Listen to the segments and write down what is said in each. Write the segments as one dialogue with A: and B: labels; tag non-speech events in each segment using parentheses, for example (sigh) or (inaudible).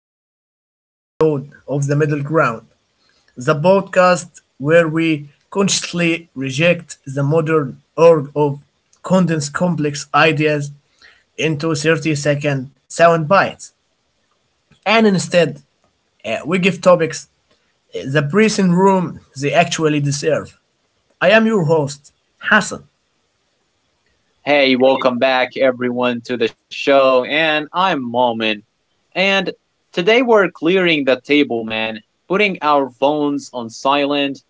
A: back to another episode of The Middle Ground, the podcast where we consciously reject the modern org of condensed complex ideas into 30-second sound bites. And instead, we give topics the breathing room they actually deserve. I am your host, Hassan.
B: Hey, welcome back everyone to the show. And I'm Momin. And today we're clearing the table, man, putting our phones on silent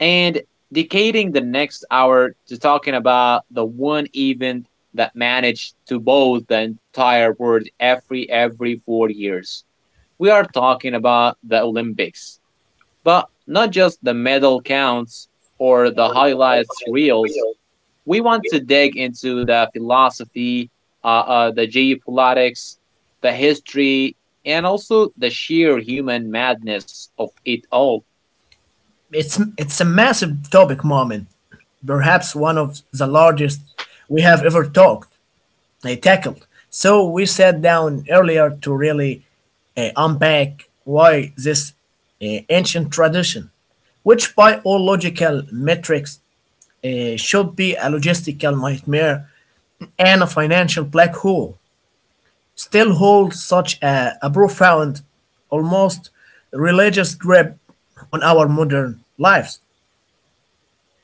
B: and dedicating the next hour to talking about the one event that managed to bowl the entire world every 4 years. We are talking about the Olympics. But not just the medal counts or the highlights reels. We want to dig into the philosophy, uh, the geopolitics, the history, and also the sheer human madness of it all.
A: It's a massive topic, Mohammed. Perhaps one of the largest we have ever tackled. So we sat down earlier to really unpack why this ancient tradition, which by all logical metrics should be a logistical nightmare and a financial black hole, still holds such a profound, almost religious grip on our modern lives.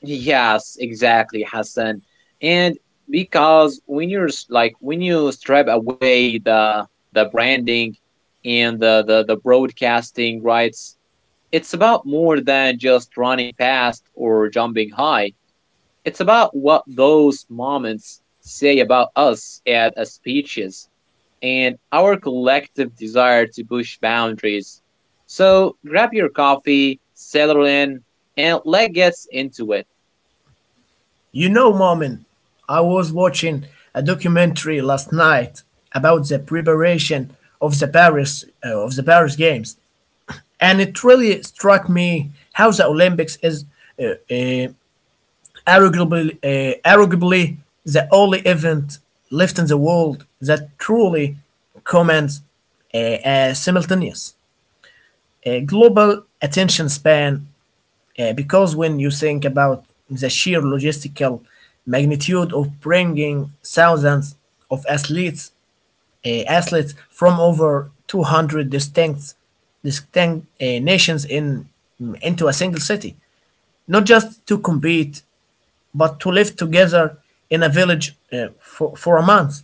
B: Yes, exactly, Hassan. And because when like when you strip away the branding and the broadcasting rights, it's about more than just running fast or jumping high. It's about what those moments say about us as a species and our collective desire to push boundaries. So grab your coffee, settle in, and let's get into it.
A: You know, Momin, I was watching a documentary last night about the preparation of the Paris Games, and it really struck me how the Olympics is uh, uh, arguably the only event left in the world that truly commands a simultaneous a global attention span because when you think about the sheer logistical magnitude of bringing thousands of athletes from over 200 distinct nations in into a single city, not just to compete but to live together in a village for a month.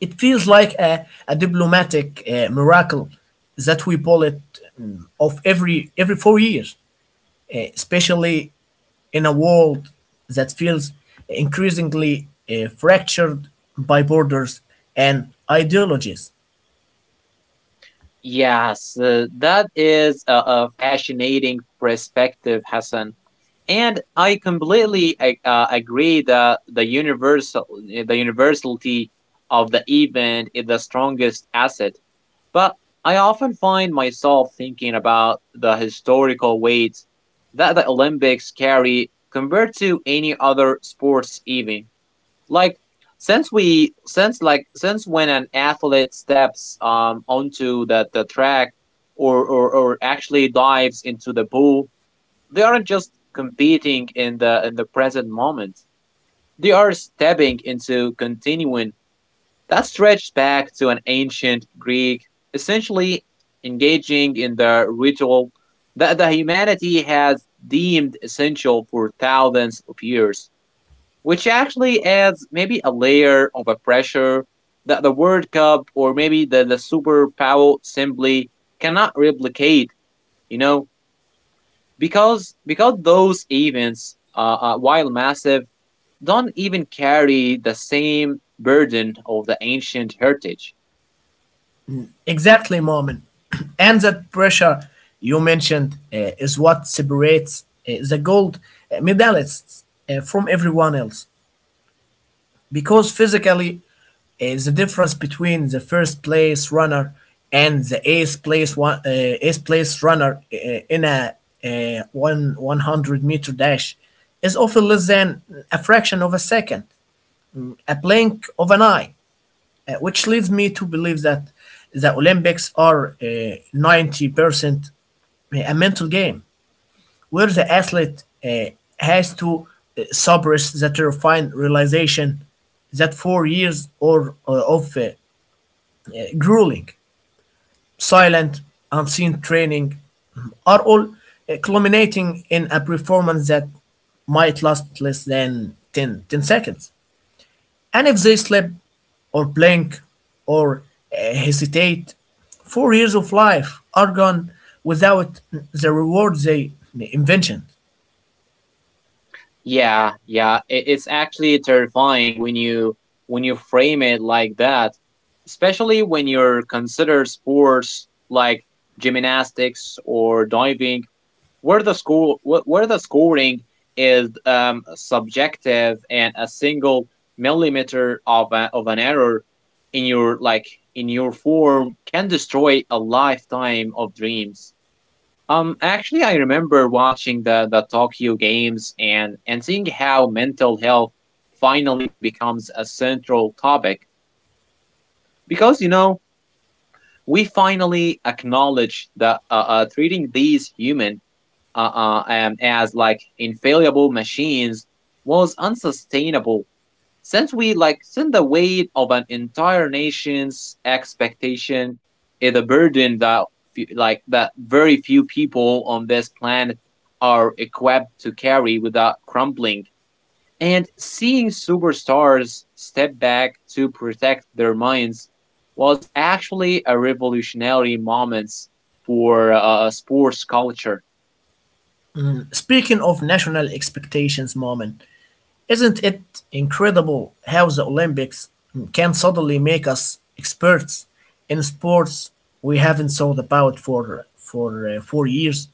A: It feels like a diplomatic miracle that we pull it off every 4 years, especially in a world that feels increasingly fractured by borders and ideologies.
B: Yes, that is a fascinating perspective, Hassan. And I completely agree that the universality of the event is the strongest asset. But I often find myself thinking about the historical weight that the Olympics carry compared to any other sports even. Like since we since like since when an athlete steps onto the track or actually dives into the pool, they aren't just competing in the present moment. They are stepping into continuing that stretched back to an ancient Greek, essentially engaging in the ritual that the humanity has deemed essential for thousands of years, which actually adds maybe a layer of a pressure that the World Cup or maybe the superpower simply cannot replicate, you know, because those events, while massive, don't even carry the same burden of the ancient heritage.
A: Exactly, Momin. (clears throat) And that pressure you mentioned is what separates the gold medalists from everyone else. Because physically the difference between the first place runner and the eighth place runner in a one 100-meter dash is often less than a fraction of a second, a blink of an eye, which leads me to believe that the olympics are 90% a mental game, where the athlete has to suppress the terrifying realization that 4 years or of grueling, silent, unseen training are all culminating in a performance that might last less than ten seconds. And if they slip or blink or hesitate, 4 years of life are gone without the reward they envisioned.
B: Yeah, yeah, it's actually terrifying when you frame it like that, especially when you're consider sports like gymnastics or diving, where the where the scoring is subjective and a single millimeter of of an error in your like in your form can destroy a lifetime of dreams. Actually, I remember watching the Tokyo Games and seeing how mental health finally becomes a central topic because we finally acknowledge that treating these human as like infallible machines was unsustainable since we like since the weight of an entire nation's expectation is a burden that very few people on this planet are equipped to carry without crumbling, and seeing superstars step back to protect their minds was actually a revolutionary moment for sports culture.
A: Speaking of national expectations, Moment, isn't it incredible how the Olympics can suddenly make us experts in sports we haven't thought about for 4 years?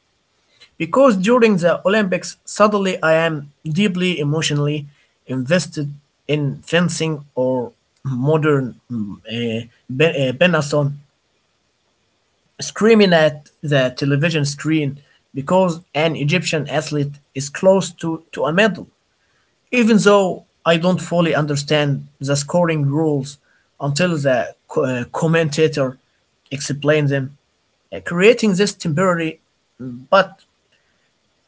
A: Because during the Olympics, suddenly I am deeply emotionally invested in fencing or modern Benasson, screaming at the television screen because an Egyptian athlete is close to a medal, even though I don't fully understand the scoring rules until the commentator explains them, creating this temporary but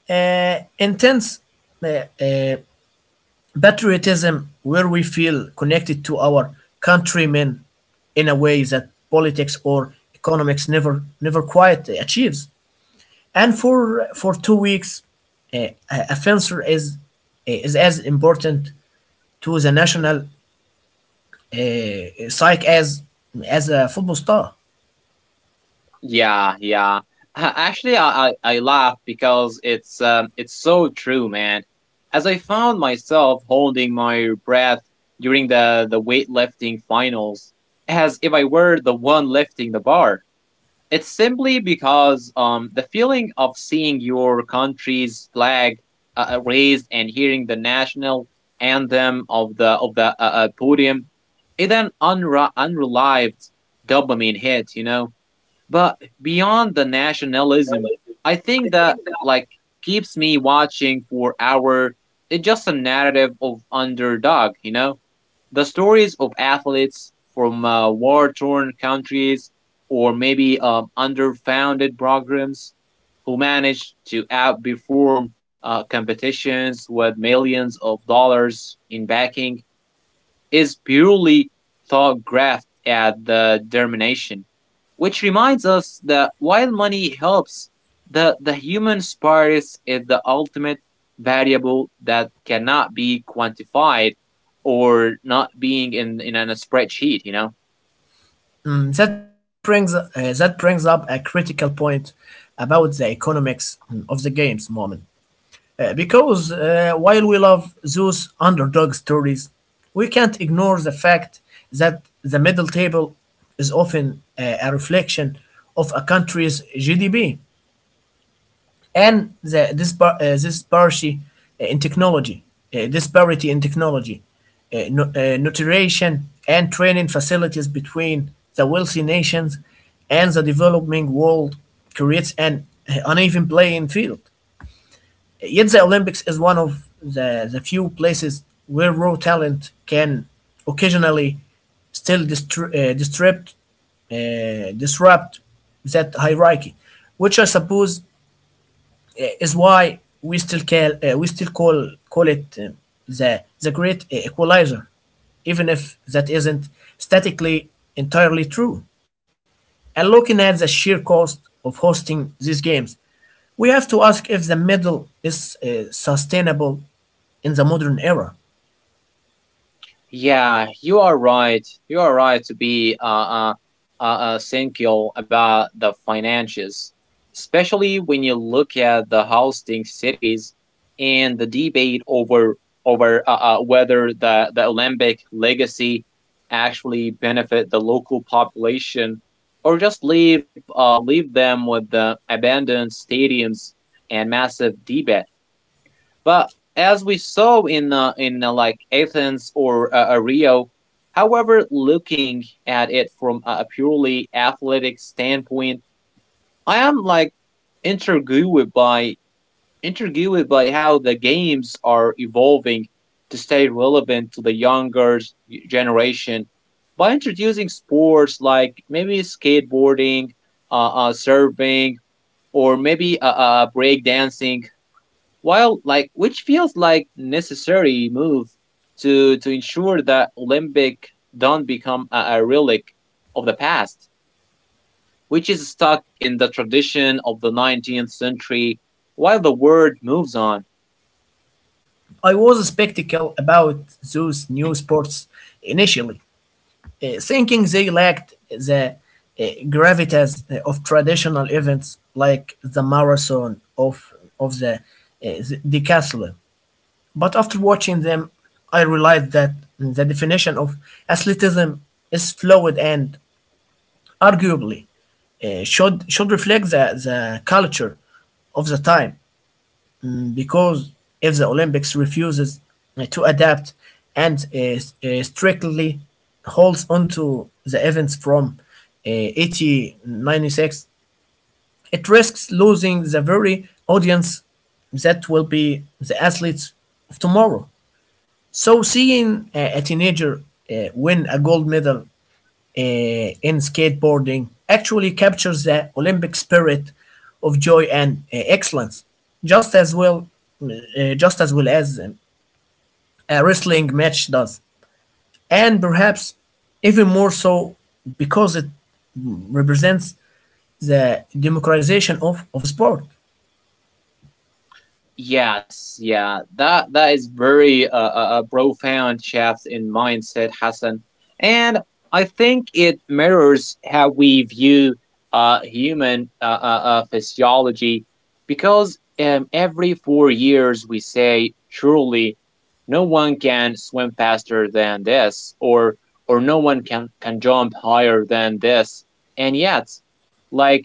A: intense uh, uh, patriotism where we feel connected to our countrymen in a way that politics or economics never quite achieves. And for 2 weeks a fencer is as important to the national psyche as a football star.
B: Yeah, yeah. (laughs) Actually, I laugh because it's so true, man. As I found myself holding my breath during the weightlifting finals, as if I were the one lifting the bar. It's simply because the feeling of seeing your country's flag raised and hearing the national anthem of the podium, it an unrelieved dopamine hit, but beyond the nationalism, I think that keeps me watching for our it's just a narrative of underdog, you know? The stories of athletes from war torn countries or maybe underfunded programs who manage to outperform competitions with millions of dollars in backing is purely thought graft at the termination, which reminds us that while money helps, the human spirit is the ultimate variable that cannot be quantified or not being in a spreadsheet, you know?
A: Um, that brings uh, that brings up a critical point about the economics mm, of the games, Moment. Because While we love those underdog stories, we can't ignore the fact that the middle table is often a reflection of a country's GDP, and the disparity uh, in technology, disparity in technology, nutrition and training facilities between the wealthy nations and the developing world creates an uneven playing field. Yet the Olympics is one of the few places where raw talent can occasionally still disrupt, disrupt that hierarchy, which I suppose is why we still call we still call it the the great equalizer, even if that isn't statically entirely true. And looking at the sheer cost of hosting these games, we have to ask if the middle is sustainable in the modern era.
B: Yeah, you are right. You are right to be cynical about the finances, especially when you look at the hosting cities and the debate over whether the Olympic legacy actually benefit the local population or just leave them with the abandoned stadiums and massive debt. But as we saw in like Athens or Rio, however, looking at it from a purely athletic standpoint, I am like intrigued by intrigued by how the games are evolving to stay relevant to the younger generation by introducing sports like maybe skateboarding, surfing, or maybe breakdancing while like which feels like necessary move to ensure that Olympic don't become a relic of the past, which is stuck in the tradition of the 19th century while the world moves on.
A: I was skeptical about those new sports initially, thinking they lacked the uh, gravitas of traditional events like the marathon of the decathlon. But after watching them, I realized that the definition of athleticism is fluid and arguably should should reflect the culture of the time, because if the Olympics refuses to adapt and strictly holds onto the events from 1896, it risks losing the very audience that will be the athletes of tomorrow. So seeing a teenager win a gold medal in skateboarding actually captures the Olympic spirit of joy and excellence, just as well, as a wrestling match does, and perhaps even more so because it represents the democratization of sport.
B: Yes, that is very a profound shift in mindset, Hassan, and I think it mirrors how we view human physiology, because every 4 years we say, surely, no one can swim faster than this, or no one can jump higher than this, and yet, like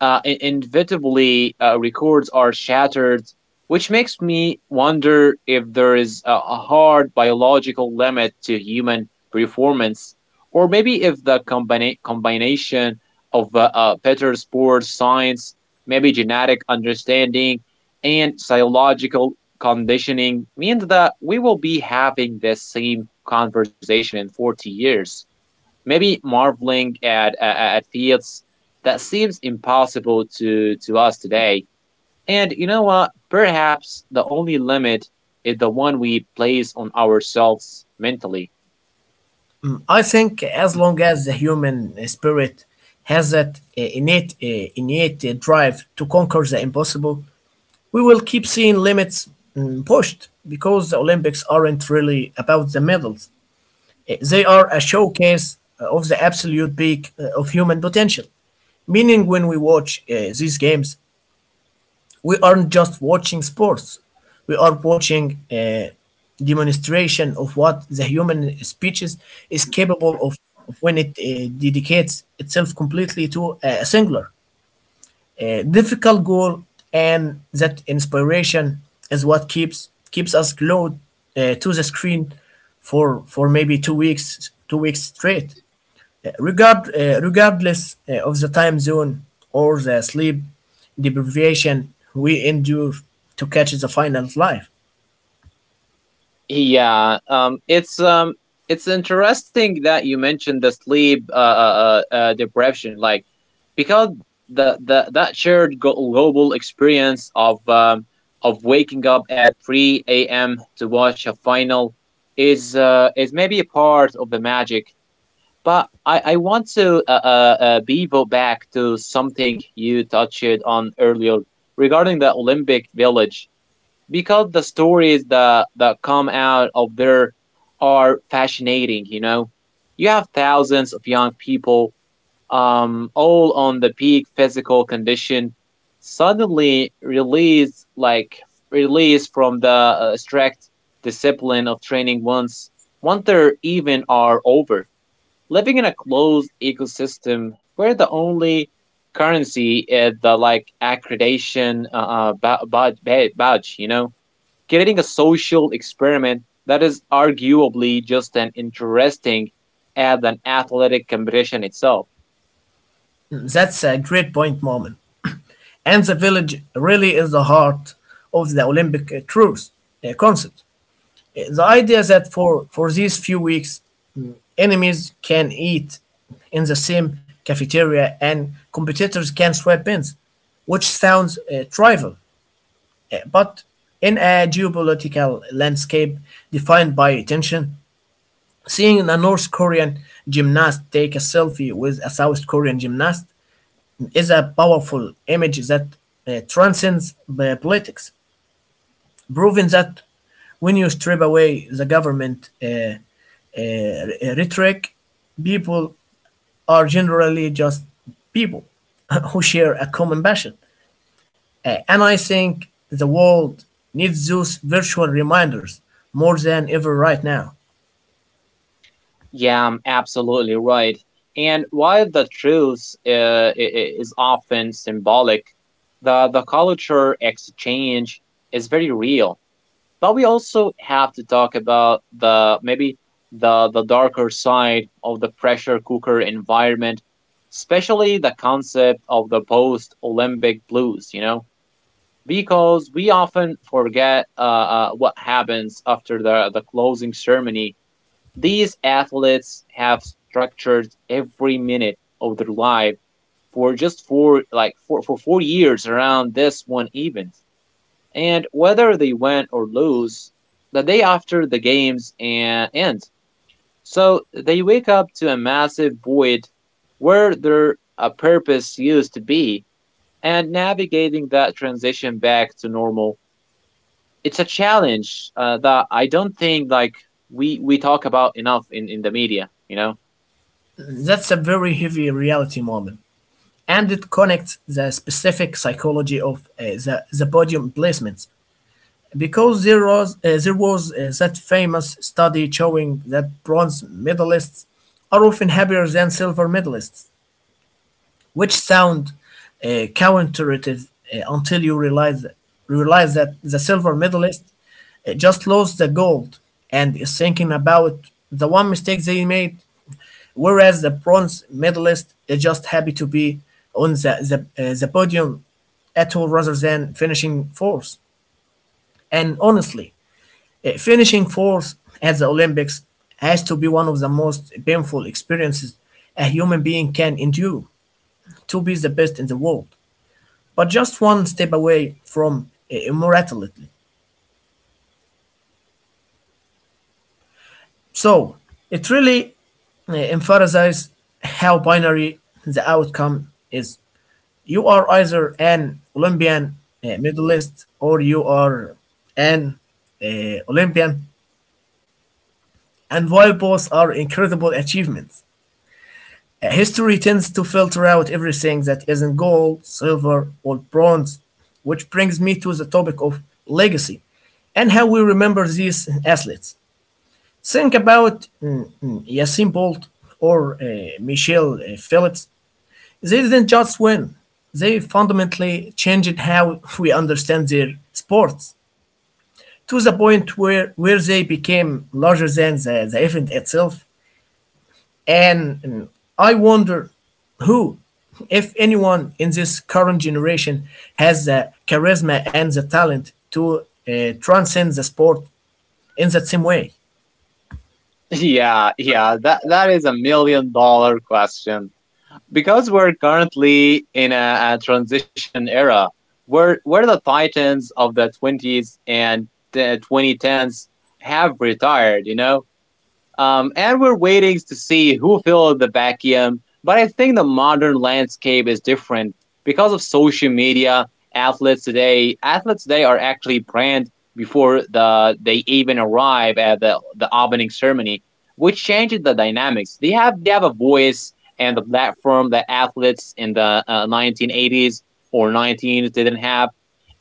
B: inevitably records are shattered, which makes me wonder if there is a hard biological limit to human performance, or maybe if the combination of better sports science, maybe genetic understanding, and psychological conditioning means that we will be having this same conversation in 40 years, maybe marveling at feats that seems impossible to us today. And you know what? Perhaps the only limit is the one we place on ourselves mentally.
A: I think as long as the human spirit has that innate drive to conquer the impossible, we will keep seeing limits pushed, because the Olympics aren't really about the medals. They are a showcase of the absolute peak of human potential. Meaning, when we watch these games, we aren't just watching sports, we are watching a demonstration of what the human species is capable of when it dedicates itself completely to a difficult goal, and that inspiration is what keeps us glued to the screen for maybe 2 weeks straight, regardless of the time zone or the sleep deprivation we endure to catch the final life.
B: Yeah, it's it's interesting that you mentioned the sleep deprivation, like because the that shared global experience of waking up at 3 a.m. to watch a final is maybe a part of the magic. But I want to bevo back to something you touched on earlier regarding the Olympic Village, because the stories that come out of there are fascinating. You know, you have thousands of young people all on the peak physical condition, suddenly released from the strict discipline of training once they even are over, living in a closed ecosystem where the only currency is the like accreditation badge, you know, creating a social experiment that is arguably just an interesting as an athletic competition itself.
A: That's a great point, Moment, and the village really is the heart of the olympic truth concept, the idea that for these few weeks enemies can eat in the same cafeteria and competitors can swap pins, which sounds trivial, but in a geopolitical landscape defined by tension, seeing a North Korean gymnast take a selfie with a South Korean gymnast is a powerful image that transcends the politics, proving that when you strip away the government rhetoric, people are generally just people (laughs) who share a common passion. And I think the world needs those virtual reminders more than ever right now.
B: Yeah, I'm absolutely right. And while the truth is often symbolic, the culture exchange is very real. But we also have to talk about the maybe the darker side of the pressure cooker environment, especially the concept of the post Olympic blues. You know, because we often forget what happens after the closing ceremony. These athletes have structured every minute of their life for just four like four, for 4 years around this one event. And whether they win or lose, the day after the games and end. So they wake up to a massive void where their purpose used to be, and navigating that transition back to normal, it's a challenge that I don't think we talk about enough in the media. You know. (laughs)
A: That's a very heavy reality, Moment. And it connects the specific psychology of the podium placements, because there was that famous study showing that bronze medalists are often happier than silver medalists, which sound uh, counterintuitive until you realize that the silver medalist just lost the gold and is thinking about the one mistake they made, whereas the bronze medalist is just happy to be on the podium at all rather than finishing fourth. And honestly, finishing fourth at the Olympics has to be one of the most painful experiences a human being can endure, to be the best in the world but just one step away from immortality. So it really emphasizes how binary the outcome is. You are either an Olympian medalist or you are an Olympian, and while both are incredible achievements, history tends to filter out everything that isn't gold, silver, or bronze, which brings me to the topic of legacy and how we remember these athletes. Think about Usain Bolt or Michelle Phillips. They didn't just win; they fundamentally changed how (laughs) we understand their sports, to the point where they became larger than the event itself. And I wonder who, if anyone in this current generation, has the charisma and the talent to transcend the sport in that same way.
B: Yeah, yeah, that is a million dollar question. Because we're currently in a transition era, where the titans of the 20s and the 2010s have retired. And we're waiting to see who filled the vacuum. But I think the modern landscape is different because of social media. Athletes today are actually brand before they even arrive at the opening ceremony, which changes the dynamics. They have a voice and the platform that athletes in the 1980s or 19s didn't have,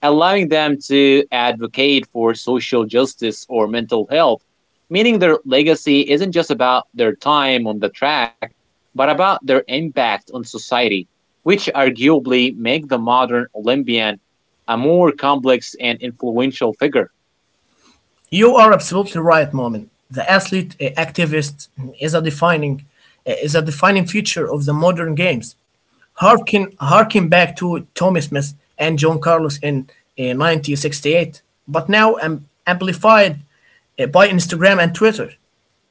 B: allowing them to advocate for social justice or mental health, meaning their legacy isn't just about their time on the track, but about their impact on society, which arguably make the modern Olympian a more complex and influential figure.
A: You are absolutely right, Momin. The athlete activist is a defining feature of the modern games. Harken back to Tommy Smith and John Carlos in 1968, but now amplified by Instagram and Twitter.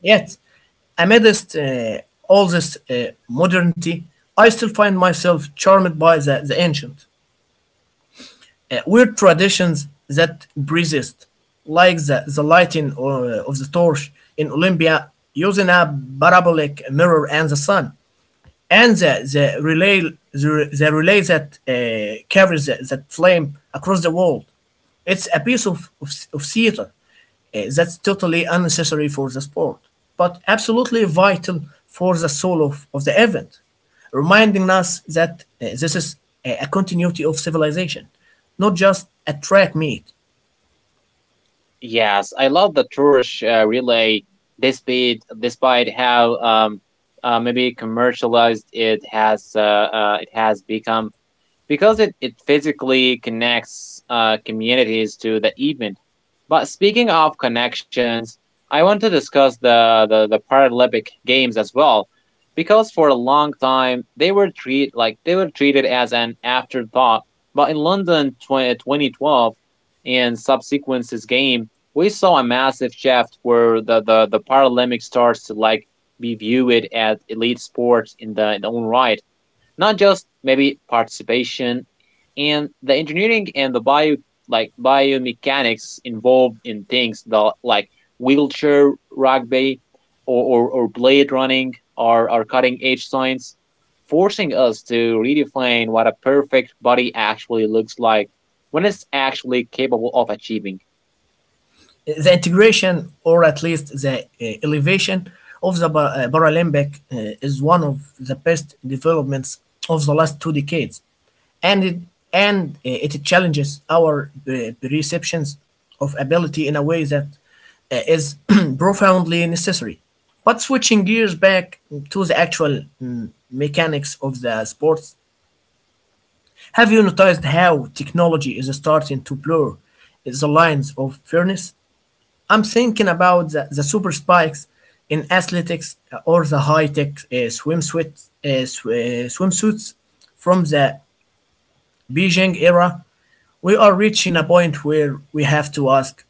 A: Yet, amidst all this modernity, I still find myself charmed by the ancient weird traditions that persist, like the lighting of the torch in Olympia using a parabolic mirror and the sun, and the relay the relay that carries that flame across the world. It's a piece of theater that's totally unnecessary for the sport, but absolutely vital for the soul of the event, reminding us that this is a continuity of civilization, not just a track meet.
B: Yes, I love the Tours relay, despite how maybe commercialized it has become, because it physically connects communities to the event. But speaking of connections, I want to discuss the Paralympic Games as well, because for a long time they were treat like they were treated as an afterthought. But in London 20, 2012 and subsequent this game, we saw a massive shift where the Paralympic starts to like be viewed as elite sports in their own right, not just maybe participation, and the engineering and the bio like biomechanics involved in things the, like wheelchair rugby or blade running are cutting edge science, forcing us to redefine what a perfect body actually looks like when it's actually capable of achieving.
A: The integration, or at least the elevation of the Paralympic, is one of the best developments of the last two decades, and it challenges our perceptions of ability in a way that is (clears throat) profoundly necessary. But switching gears back to the actual mechanics of the sports, have you noticed how technology is starting to blur the lines of fairness? I'm thinking about the super spikes in athletics, or the high tech swimsuits from the Beijing era. We are reaching a point where we have to ask,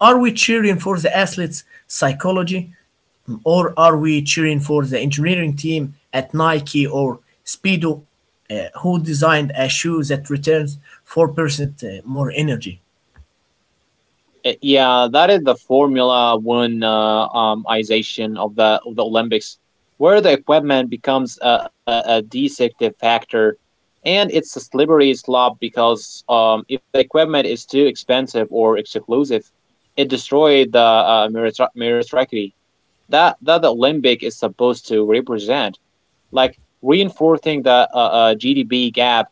A: are we cheering for the athletes' psychology, or are we cheering for the engineering team at Nike or Speedo, who designed a shoe that returns 4% more energy?
B: Yeah, that is the Formula One ization of the Olympics, where the equipment becomes a deceptive factor, and it's a slippery slope because if the equipment is too expensive or exclusive, it destroys the meritocracy that the Olympic is supposed to represent, like reinforcing the GDP gap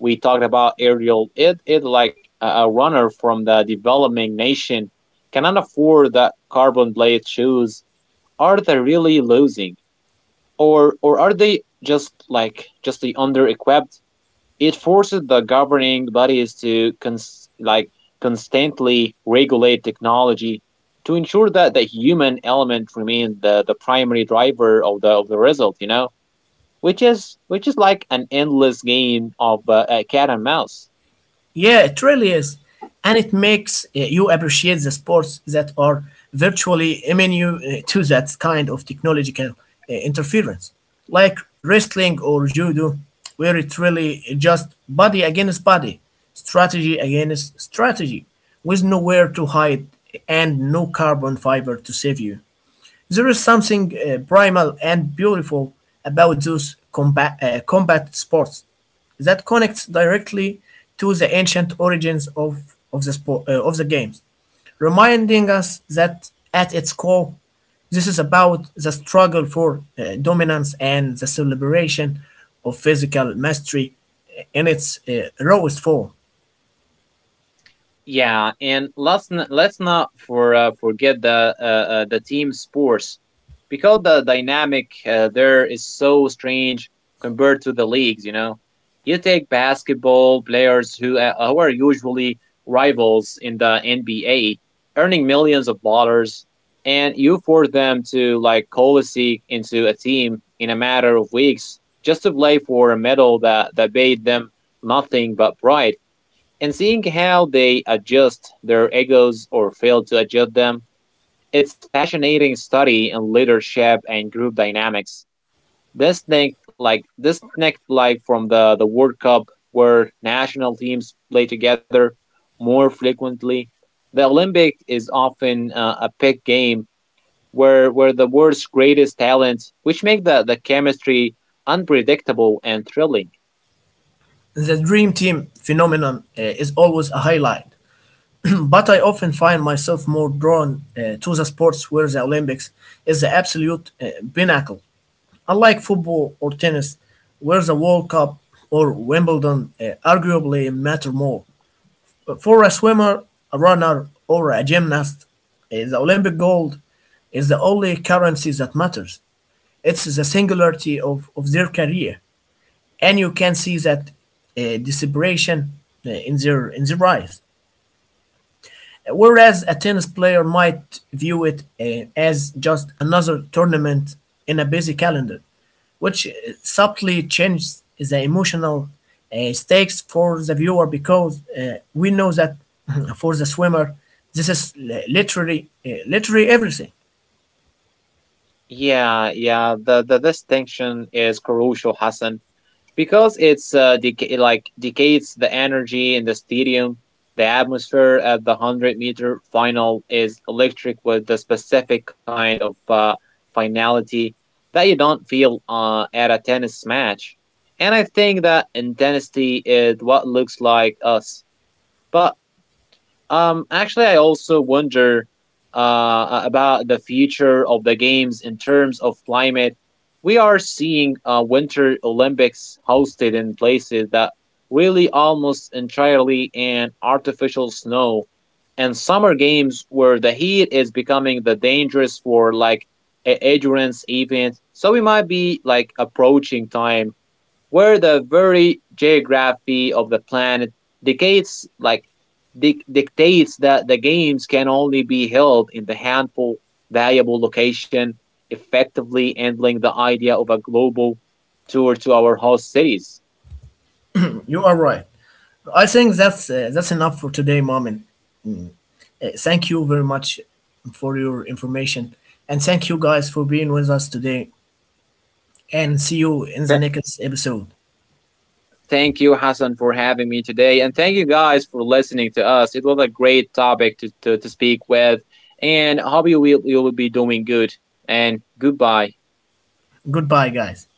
B: we talked about Ariel. It like a runner from the developing nation cannot afford the carbon blade shoes. Are they really losing, or are they just just the under equipped? It forces the governing bodies to constantly regulate technology to ensure that the human element remains the primary driver of the result. You know, which is like an endless game of a cat and mouse.
A: Yeah, it really is. And it makes you appreciate the sports that are virtually immune to that kind of technological interference, like wrestling or judo, where it's really just body against body, strategy against strategy, with nowhere to hide and no carbon fiber to save you. There is something primal and beautiful about those combat sports that connects directly to the ancient origins the sport, of the games, reminding us that at its core, this is about the struggle for dominance and the celebration of physical mastery in its rawest form.
B: Yeah, and let's not forget the team sports because the dynamic there is so strange compared to the leagues. You know, you take basketball players who are usually rivals in the NBA, earning millions of dollars, and you force them to like coalesce into a team in a matter of weeks just to play for a medal that paid them nothing but pride, and seeing how they adjust their egos or fail to adjust them. It's fascinating study in leadership and group dynamics. This thing like this next like from the World Cup where national teams play together more frequently. The Olympic is often a pick game where the world's greatest talents, which make the chemistry unpredictable and thrilling.
A: The Dream Team phenomenon is always a highlight. But I often find myself more drawn to the sports where the Olympics is the absolute pinnacle, unlike football or tennis, where the World Cup or Wimbledon arguably matter more. But for a swimmer, a runner, or a gymnast, the Olympic gold is the only currency that matters. It's the singularity of their career, and you can see that desperation in their eyes. Whereas a tennis player might view it as just another tournament in a busy calendar, which subtly changes the emotional stakes for the viewer because we know that (laughs) for the swimmer, this is literally everything.
B: Yeah, yeah, the distinction is crucial, Hassan. Because it's decays the energy in the stadium. The atmosphere at the 100 meter final is electric with the specific kind of finality that you don't feel at a tennis match, and I think that intensity is what looks like us. But actually, I also wonder about the future of the games in terms of climate. We are seeing Winter Olympics hosted in places that really almost entirely in artificial snow, and summer games where the heat is becoming the dangerous for like a endurance event. So we might be like approaching time where the very geography of the planet dictates dictates that the games can only be held in the handful valuable location, effectively ending the idea of a global tour to our host cities.
A: You are right. I think that's enough for today, Mamin. Thank you very much for your information, and thank you guys for being with us today. And see you in the
B: Th-
A: next episode.
B: Thank you, Hassan, for having me today. And thank you guys for listening to us. It was a great topic to speak with. And hope you will be doing good. And goodbye.
A: Goodbye, guys.